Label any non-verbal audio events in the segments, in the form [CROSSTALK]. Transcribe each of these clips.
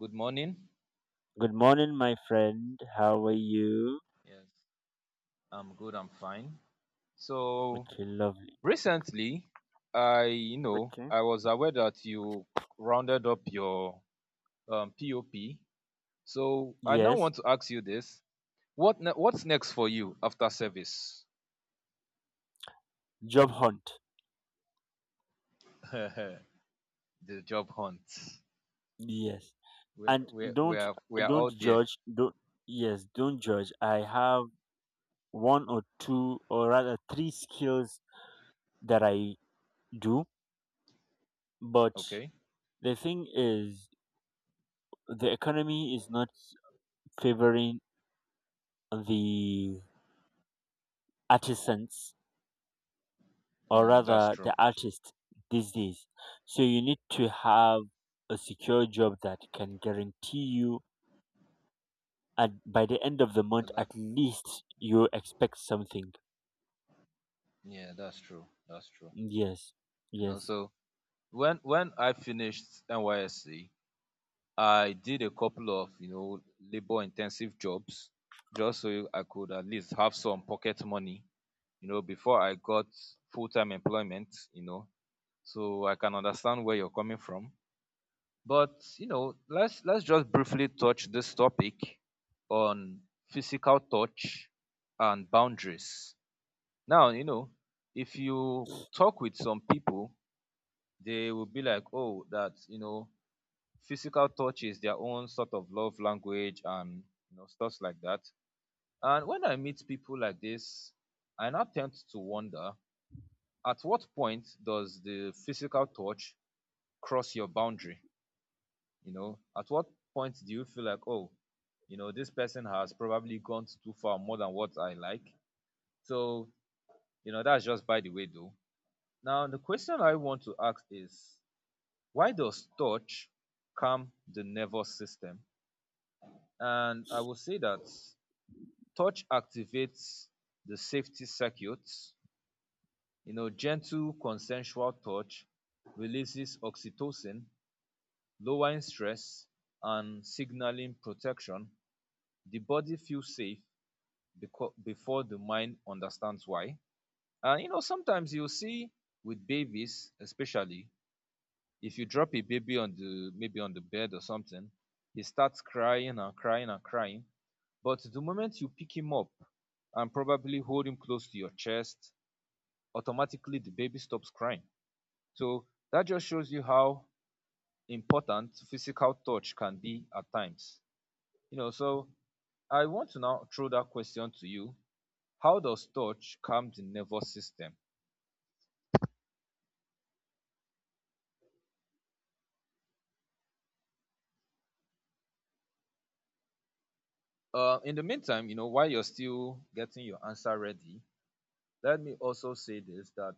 Good morning. Good morning, my friend. How are you? Yes, I'm good. I'm fine. So Okay, lovely. recently, I you know Okay. I was aware that you rounded up your POP. So I now Yes. want to ask you this: What's next for you after service? Job hunt. [LAUGHS] The job hunt. Yes. We're And we're we don't are we are don't all there. judge. Don't judge. I have one or two or rather three skills that I do, but Okay. the thing is the economy is not favoring the artisans, or Mm, that's rather true. the artist, these days. So you need to have a secure job that can guarantee you at by the end of the month The life- at least you expect something. yeah, that's true. That's true. Yes. You know, Yes. so when I finished NYSC, I did a couple of, labor intensive jobs just so I could at least have some pocket money, before I got full time employment. So I can understand where you're coming from. But, let's just briefly touch this topic on physical touch and boundaries. Now, if you talk with some people, they will be like, oh, that, physical touch is their own sort of love language and stuff like that. And when I meet people like this, I now tend to wonder at what point does the physical touch cross your boundary? At what point do you feel like, oh, this person has probably gone too far more than what I like? So, that's just by the way though. Now, the question I want to ask is why does touch calm the nervous system? And I will say that touch activates the safety circuits. Gentle consensual touch releases oxytocin, lowering stress and signaling protection. The body feels safe before the mind understands why. And sometimes you'll see with babies, especially if you drop a baby on the maybe on the bed or something, he starts crying and crying and crying. But the moment you pick him up and probably hold him close to your chest automatically the baby stops crying. So that just shows you how important physical touch can be at times. So I want to now throw that question to you. How does touch calm the nervous system? In the meantime, while you're still getting your answer ready, let me also say this that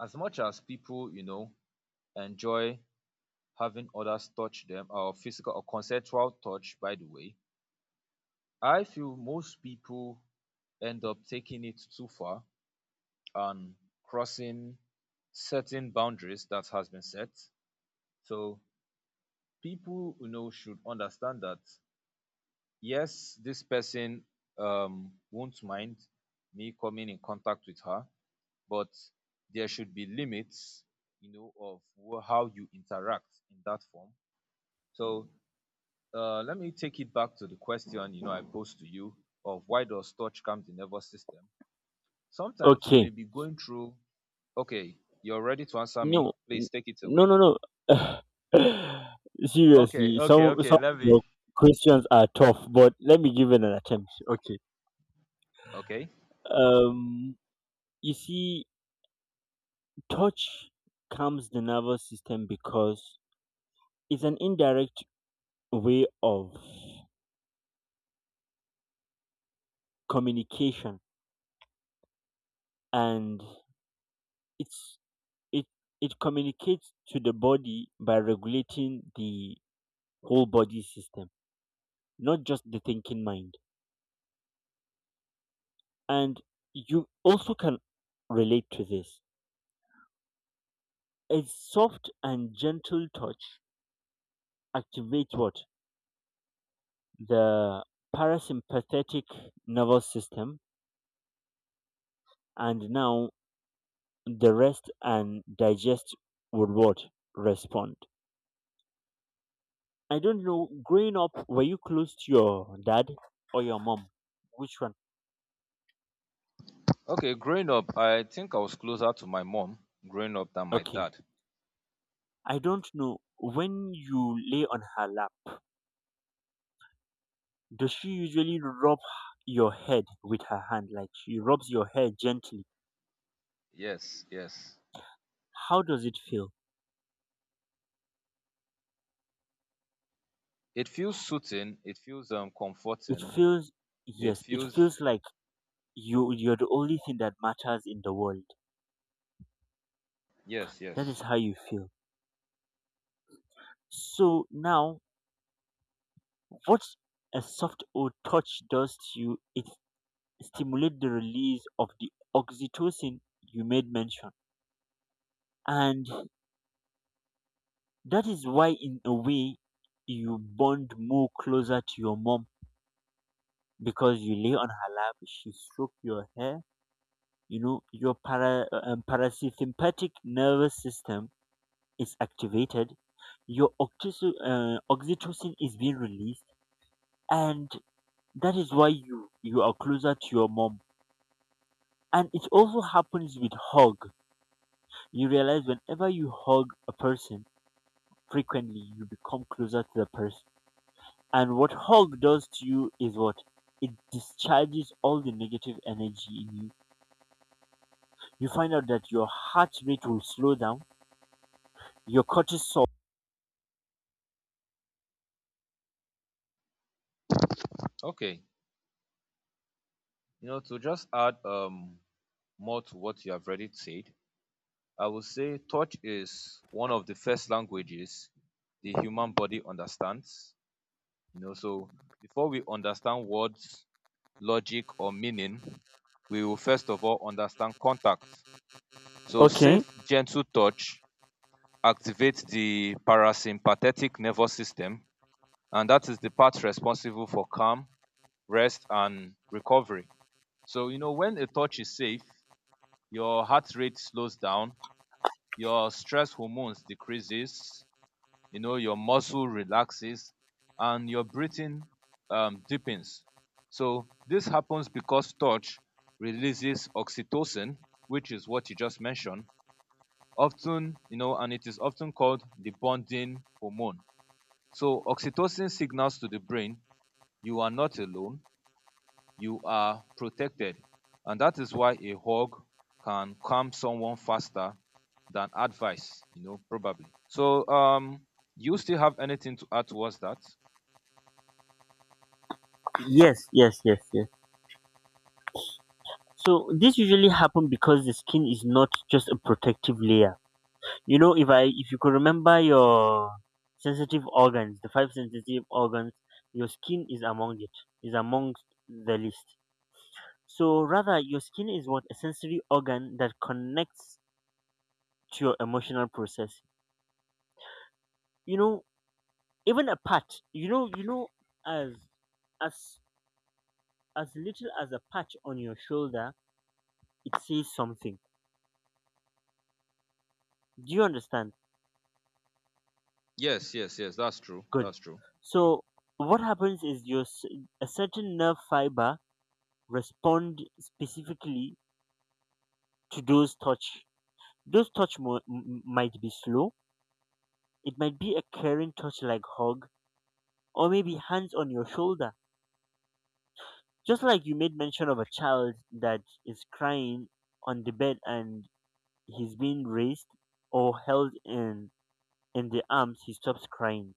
as much as people, enjoy having others touch them or physical or consensual touch, by the way, I feel most people end up taking it too far on crossing certain boundaries that has been set. So people should understand that yes, this person won't mind me coming in contact with her, but there should be limits, of how you interact in that form. So let me take it back to the question I posed to you of why does touch come the nervous system? Sometimes you Okay. may be going through. Okay, you're ready to answer me? No. n- Please take it No away. no no. [LAUGHS] Okay, Seriously, okay, some okay. some of Let me. your questions are tough, but let me give it an attempt. Okay. Okay. Um you see, touch calms the nervous system because it's an indirect way of communication, and it's it it communicates to the body by regulating the whole body system, not just the thinking mind. And you also can relate to this. A soft and gentle touch activates what? The parasympathetic nervous system. And now the rest and digest would what? Respond. I don't know. Growing up, were you close to your dad or your mom? Which one? Okay, growing up, I think I was closer to my mom growing up than my Okay. dad. I don't know. When you lay on her lap, does she usually rub your head with her hand? Like she rubs your hair gently. Yes, yes. How does it feel? It feels soothing, it feels It comforting. feels, It yes, it feels feels like you're the only thing that matters in the world. yes, That yes. is how you feel. So now, what a soft old touch does to you, it stimulate the release of the oxytocin you made mention. And that is why, in a way, you bond more closer to your mom because you lay on her lap, she stroke your hair. You know, your parasympathetic nervous system is activated, your oxytocin is being released, and that is why you are closer to your mom. And it also happens with hug. You realize whenever you hug a person, frequently you become closer to the person. And what hug does to you is what? It discharges all the negative energy in you. You find out that your heart rate will slow down, your cortisol. Okay. To just add more to what you have already said, I would say touch is one of the first languages the human body understands. So before we understand words, logic, or meaning, we will first of all understand contact. So, Okay. safe, gentle touch activates the parasympathetic nervous system, and that is the part responsible for calm, rest, and recovery. So, when a touch is safe, your heart rate slows down, your stress hormones decreases, your muscle relaxes and your breathing deepens. So this happens because touch releases oxytocin, which is what you just mentioned often, and it is often called the bonding hormone. So oxytocin signals to the brain, you are not alone, you are protected. And that is why a hug can calm someone faster than advice, probably. So, you still have anything to add towards that? Yes, yes, yes, yes. So this usually happens because the skin is not just a protective layer. You know, if you could remember your sensitive organs, the five sensitive organs, your skin is among it, is among the list. So rather, your skin is what? A sensory organ that connects to your emotional process. You know, even a patch. As as as little as a patch on your shoulder, it says something. Do you understand? Yes, yes, yes, that's true. Good. That's true. So what happens is a certain nerve fiber respond specifically to those touch. Those touch might be slow. It might be a caring touch like hug, or maybe hands on your shoulder. Just like you made mention of a child that is crying on the bed and he's being raised or held in the arms, he stops crying.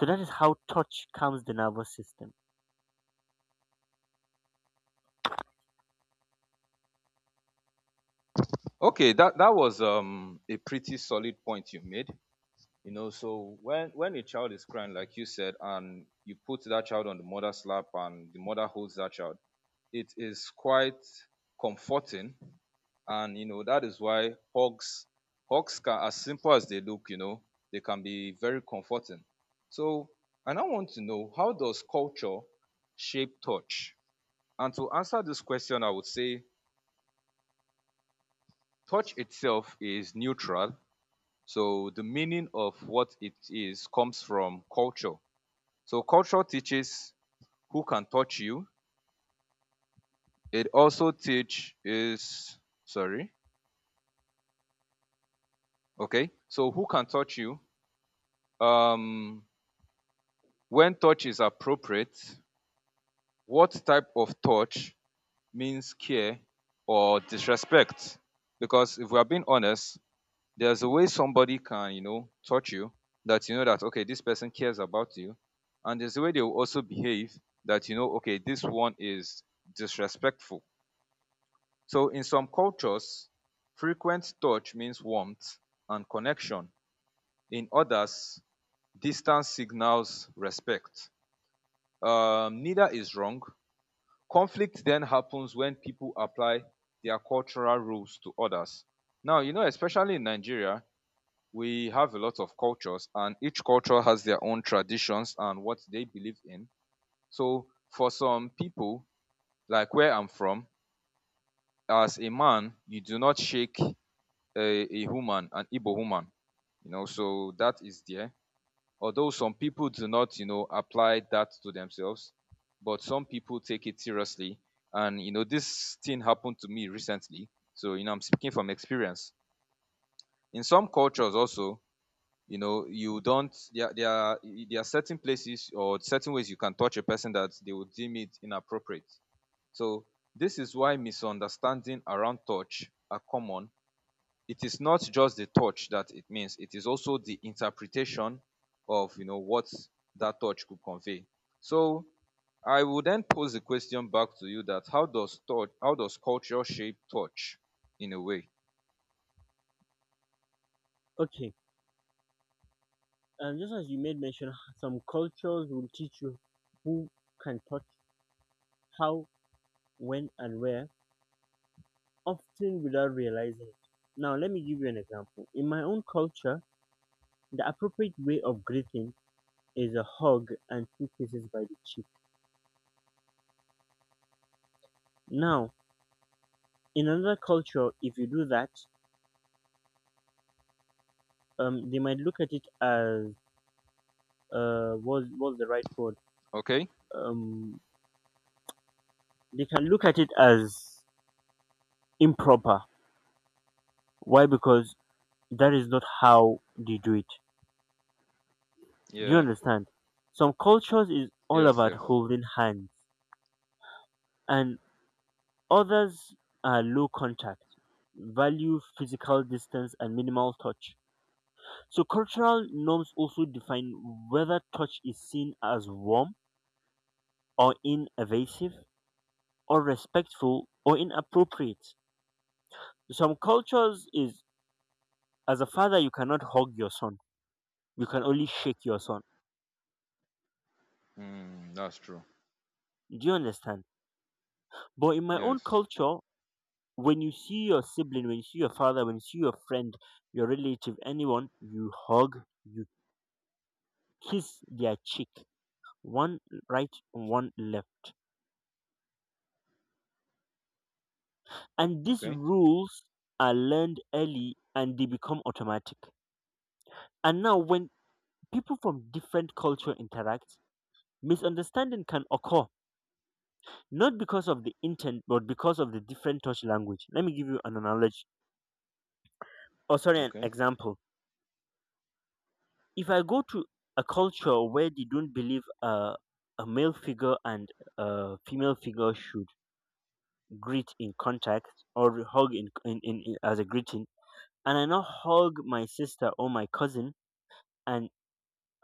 So that is how touch calms the nervous system. Okay, that was a pretty solid point you made. So when a child is crying, like you said, and you put that child on the mother's lap and the mother holds that child, it is quite comforting. And that is why hugs hugs, can as simple as they look, they can be very comforting. So, and I now want to know how does culture shape touch. And to answer this question, I would say touch itself is neutral, so the meaning of what it is comes from culture. So culture teaches who can touch you. It also teaches sorry. Okay. So who can touch you? Um when touch is appropriate, what type of touch means care or disrespect? Because if we are being honest, there's a way somebody can, touch you that that okay, this person cares about you. And there's a way they will also behave that okay, this one is disrespectful. So, in some cultures, frequent touch means warmth and connection. In others, distance signals respect. Neither is wrong. Conflict then happens when people apply their cultural rules to others. Now, especially in Nigeria, we have a lot of cultures, and each culture has their own traditions and what they believe in. So, for some people, like where I'm from, as a man, you do not shake a woman, an Igbo woman, so that is there. Although some people do not, apply that to themselves, but some people take it seriously. And, this thing happened to me recently. So, I'm speaking from experience. In some cultures also, you don't, there, there are certain places or certain ways you can touch a person that they would deem it inappropriate. So, this is why misunderstanding around touch are common. It is not just the touch that it means, it is also the interpretation of what that touch could convey. So I will then pose the question back to you that how does culture shape touch in a way? Okay. Just as you made mention, some cultures will teach you who can touch, how, when, and where, often without realizing it. Now, let me give you an example. In my own culture, the appropriate way of greeting is a hug and two kisses by the cheek. Now, in another culture, if you do that, they might look at it as what's the right word? Okay? um they can look at it as improper. Why? Because that is not how they do it. Do you Yeah. understand? Some cultures is all Yes, about yes. holding hands, and others are low contact, value physical distance and minimal touch. So cultural norms also define whether touch is seen as warm or invasive, unrespectful or inappropriate. Some cultures is, as a father you cannot hug your son. You can only shake your son. Mm, that's true. Do you understand? But in my own Yes. culture, when you see your sibling, when you see your father, when you see your friend, your relative, anyone, you hug, you kiss their cheek. One right, one left. And these Okay. rules are learned early and they become automatic. And now when people from different culture interact, misunderstanding can occur, not because of the intent but because of the different touch language. Let me give you an analogy, or sorry, an Okay. example. If I go to a culture where they don't believe a male figure and a female figure should greet in contact or hug in as a greeting, and I now hug my sister or my cousin, and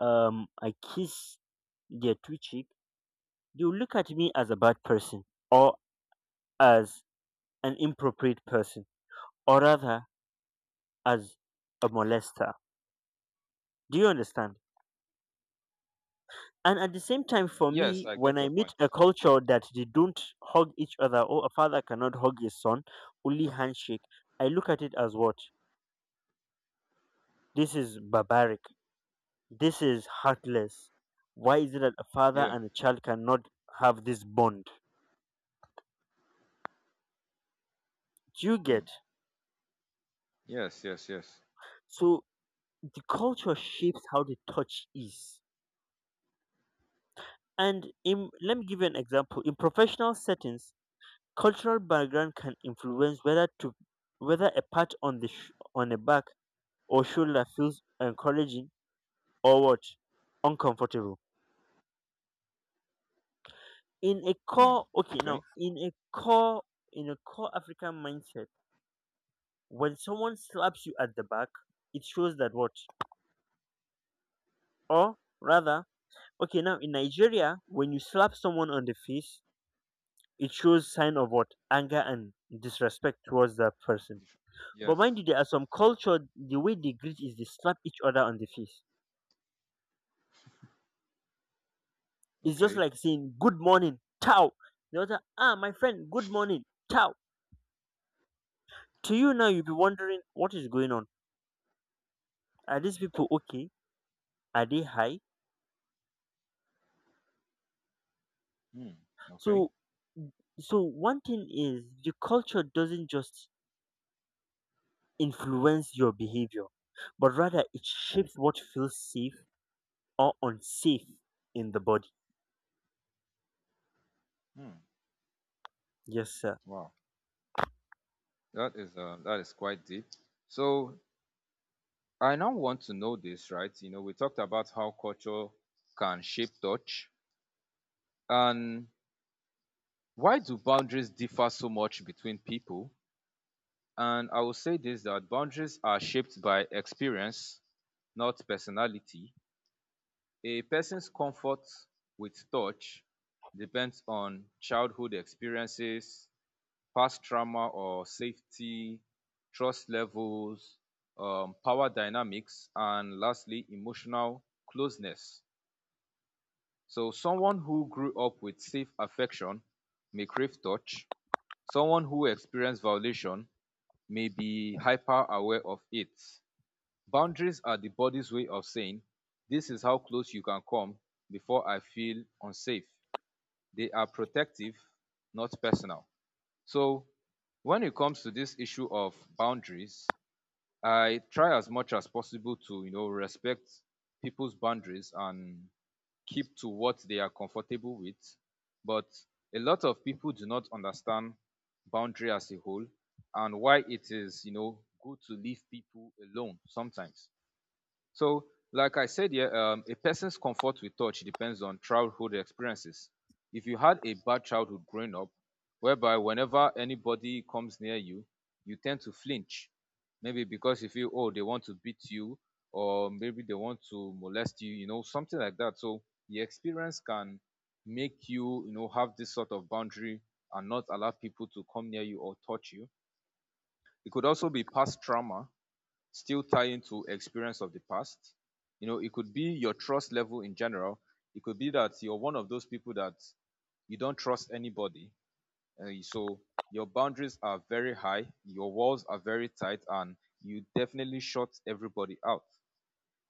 I kiss their two cheek, they will look at me as a bad person, or as an inappropriate person, or rather as a molester. Do you understand? And at the same time, for Yes, me, I when get I your meet point. a culture that they don't hug each other, or a father cannot hug his son, only handshake, I look at it as what? This is barbaric. This is heartless. Why is it that a father Yeah. and a child cannot have this bond? Do you Mm. get? Yes, yes, yes. So the culture shapes how the touch is. And in, let me give you an example. In professional settings, cultural background can influence whether a pat on on the back or shoulder feels encouraging or what? Uncomfortable. In a Mm. core, okay, now Okay. in a core, In a core African mindset, when someone slaps you at the back, it shows that what? Or rather, okay, now in Nigeria, when you slap someone on the face, it shows sign of what? Anger and disrespect towards that person. But mind Yes. you, there are some culture, the way they greet is they slap each other on the face. It's just Okay. like saying, good morning, ciao. The other, ah, my friend, good morning, ciao to you. Now you'll be wondering, what is going on? Are these people okay? Are they high? Mm. Okay. So so one thing is the culture doesn't just influence your behavior, but rather it shapes what feels safe or unsafe in the body. Mm. Yes sir. Wow. That is quite deep. So I now want to know this, right? We talked about how culture can shape touch, and why do boundaries differ so much between people? And I will say this that boundaries are shaped by experience, not personality. A person's comfort with touch depends on childhood experiences, past trauma or safety, trust levels, power dynamics, and lastly, emotional closeness. So, someone who grew up with safe affection may crave touch. Someone who experienced violation may be hyper aware of it. Boundaries are the body's way of saying, this is how close you can come before I feel unsafe. They are protective, not personal. So, when it comes to this issue of boundaries, I try as much as possible to respect people's boundaries and keep to what they are comfortable with. But a lot of people do not understand boundary as a whole and why it is good to leave people alone sometimes. So, like I said here, a person's comfort with touch depends on childhood experiences. If you had a bad childhood growing up, whereby whenever anybody comes near you, you tend to flinch, maybe because you feel, oh, they want to beat you, or maybe they want to molest you, something like that. So, the experience can make you, have this sort of boundary and not allow people to come near you or touch you. It could also be past trauma, still tying to experience of the past. It could be your trust level in general. It could be that you're one of those people that you don't trust anybody. And so your boundaries are very high, your walls are very tight, and you definitely shut everybody out.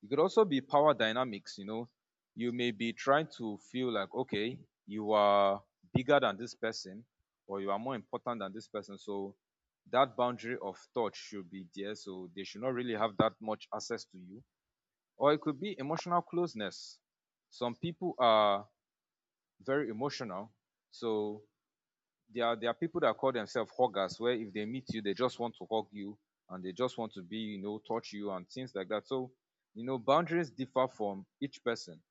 It could also be power dynamics, you know. You may be trying to feel like, okay, you are bigger than this person or you are more important than this person. So that boundary of thought should be there. So they should not really have that much access to you. Or it could be emotional closeness. Some people are very emotional. So there are people that call themselves huggers, where if they meet you, they just want to hug you, and they just want to be, you know, touch you and things like that. So, you know, boundaries differ from each person.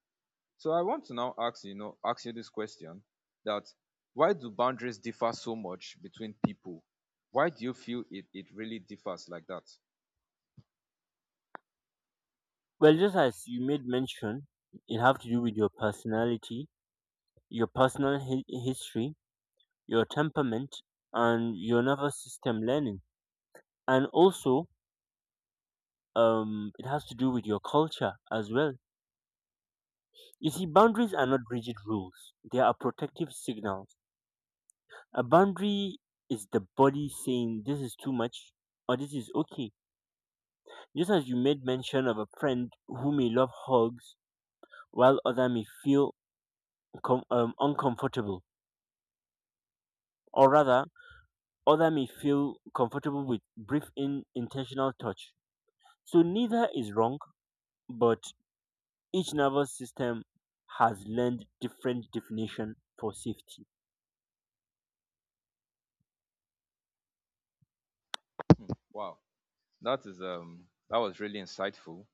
So I want to now ask you this question, that why do boundaries differ so much between people? Why do you feel it really differs like that? Well, just as you made mention, it have to do with your personality, your history, your temperament, and your nervous system learning. And also, it has to do with your culture as well. You see, boundaries are not rigid rules, they are protective signals. A boundary is the body saying this is too much or this is okay. Just as you made mention of a friend who may love hugs while other may feel uncomfortable, or rather, other may feel comfortable with brief intentional touch. So neither is wrong, but each nervous system has learned different definition for safety. Hmm, wow, that is that was really insightful.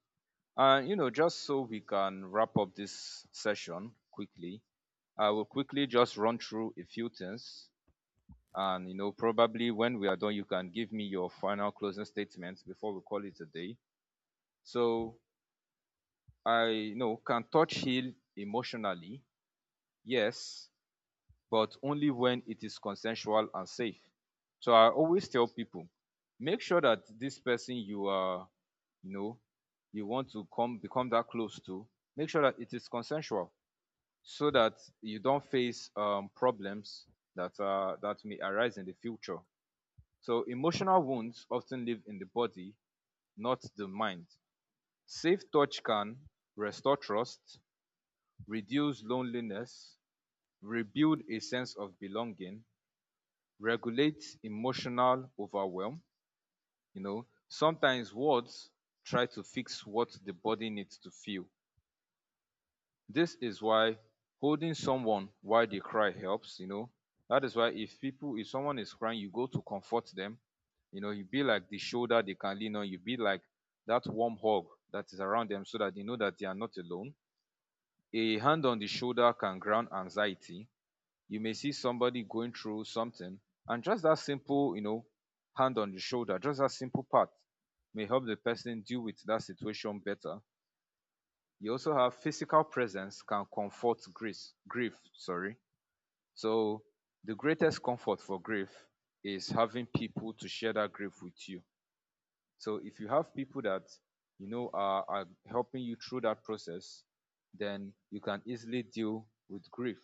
And you know, just so we can wrap up this session quickly, I will quickly just run through a few things. And you know, probably when we are done, you can give me your final closing statements before we call it a day. So I, you know, can touch heal emotionally? Yes, but only when it is consensual and safe. So I always tell people, make sure that this person you are, you know, you want to come become that close to, make sure that it is consensual, so that you don't face problems that may arise in the future. So emotional wounds often live in the body, not the mind. Safe touch can restore trust, reduce loneliness, rebuild a sense of belonging, regulate emotional overwhelm. You know, sometimes words try to fix what the body needs to feel. This is why holding someone while they cry helps, you know. That is why if people, if someone is crying, you go to comfort them. You know, you be like the shoulder they can lean on. You be like that warm hug that is around them, so that they know that they are not alone. A hand on the shoulder can ground anxiety. You may see somebody going through something, and just that simple, you know, hand on the shoulder, just that simple part, may help the person deal with that situation better. You also have physical presence can comfort grief. Grief. Sorry. So the greatest comfort for grief is having people to share that grief with you. So if you have people that you know are helping you through that process, then you can easily deal with grief.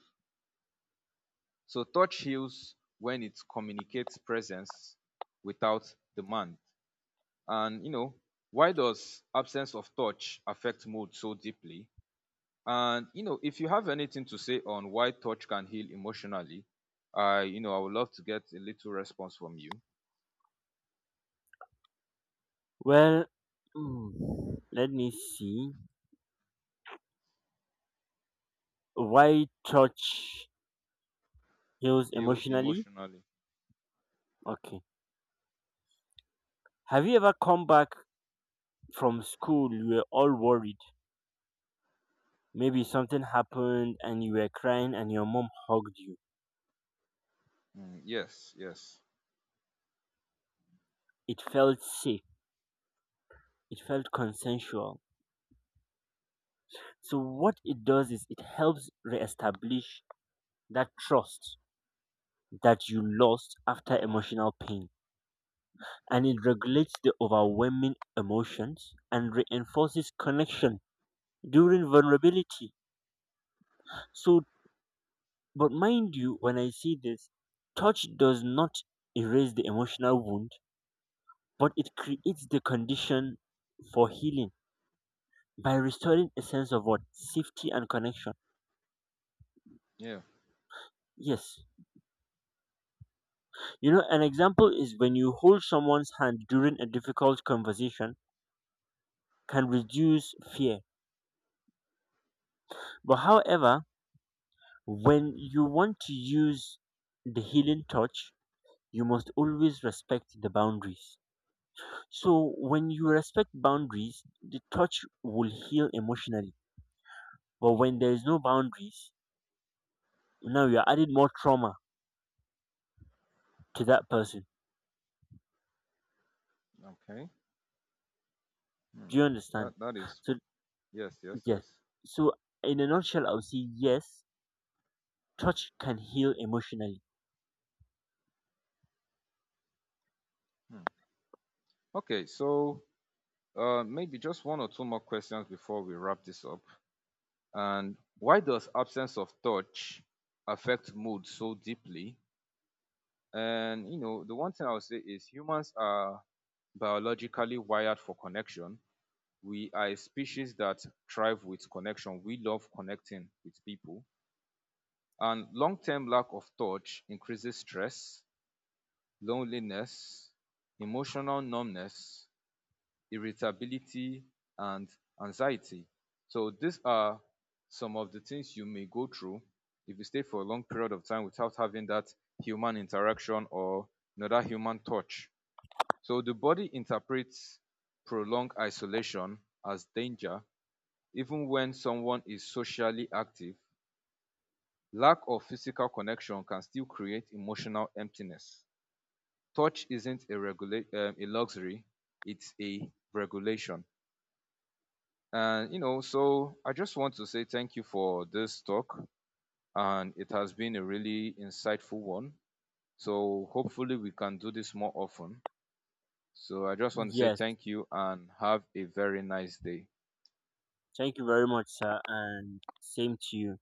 So touch heals when it communicates presence without demand. And you know, why does absence of touch affect mood so deeply? And you know, if you have anything to say on why touch can heal emotionally, I you know I would love to get a little response from you. Well, mm, let me see. Why touch heals Heal emotionally? emotionally. Okay. Have you ever come back from school? You were all worried. Maybe something happened and you were crying and your mom hugged you. Mm, yes, yes, It felt safe. It felt consensual. So what it does is it helps reestablish that trust that you lost after emotional pain. And it regulates the overwhelming emotions and reinforces connection during vulnerability. So but mind you, when I see this, touch does not erase the emotional wound, but it creates the condition for healing by restoring a sense of what? Safety and connection. yeah. Yes. You know, an example is when you hold someone's hand during a difficult conversation can reduce fear. But however, when you want to use the healing touch, you must always respect the boundaries. So when you respect boundaries, the touch will heal emotionally. But when there is no boundaries, now you're adding more trauma to that person. Okay. Hmm. Do you understand? That So yes, yes, yes. yes. So in a nutshell, I would say yes, touch can heal emotionally. Hmm. Okay, so maybe just one or two more questions before we wrap this up. And why does absence of touch affect mood so deeply? And you know, the one thing I would say is humans are biologically wired for connection. We are a species that thrive with connection. We love connecting with people. And long term lack of touch increases stress, loneliness, emotional numbness, irritability, and anxiety. So, these are some of the things you may go through if you stay for a long period of time without having that human interaction or another human touch. So, the body interprets prolonged isolation as danger. Even when someone is socially active, lack of physical connection can still create emotional emptiness. Touch isn't a luxury, it's a regulation. And you know, so I just want to say thank you for this talk, and it has been a really insightful one. So hopefully we can do this more often. So I just want to say Yes. thank you and have a very nice day. Thank you very much, sir, and same to you.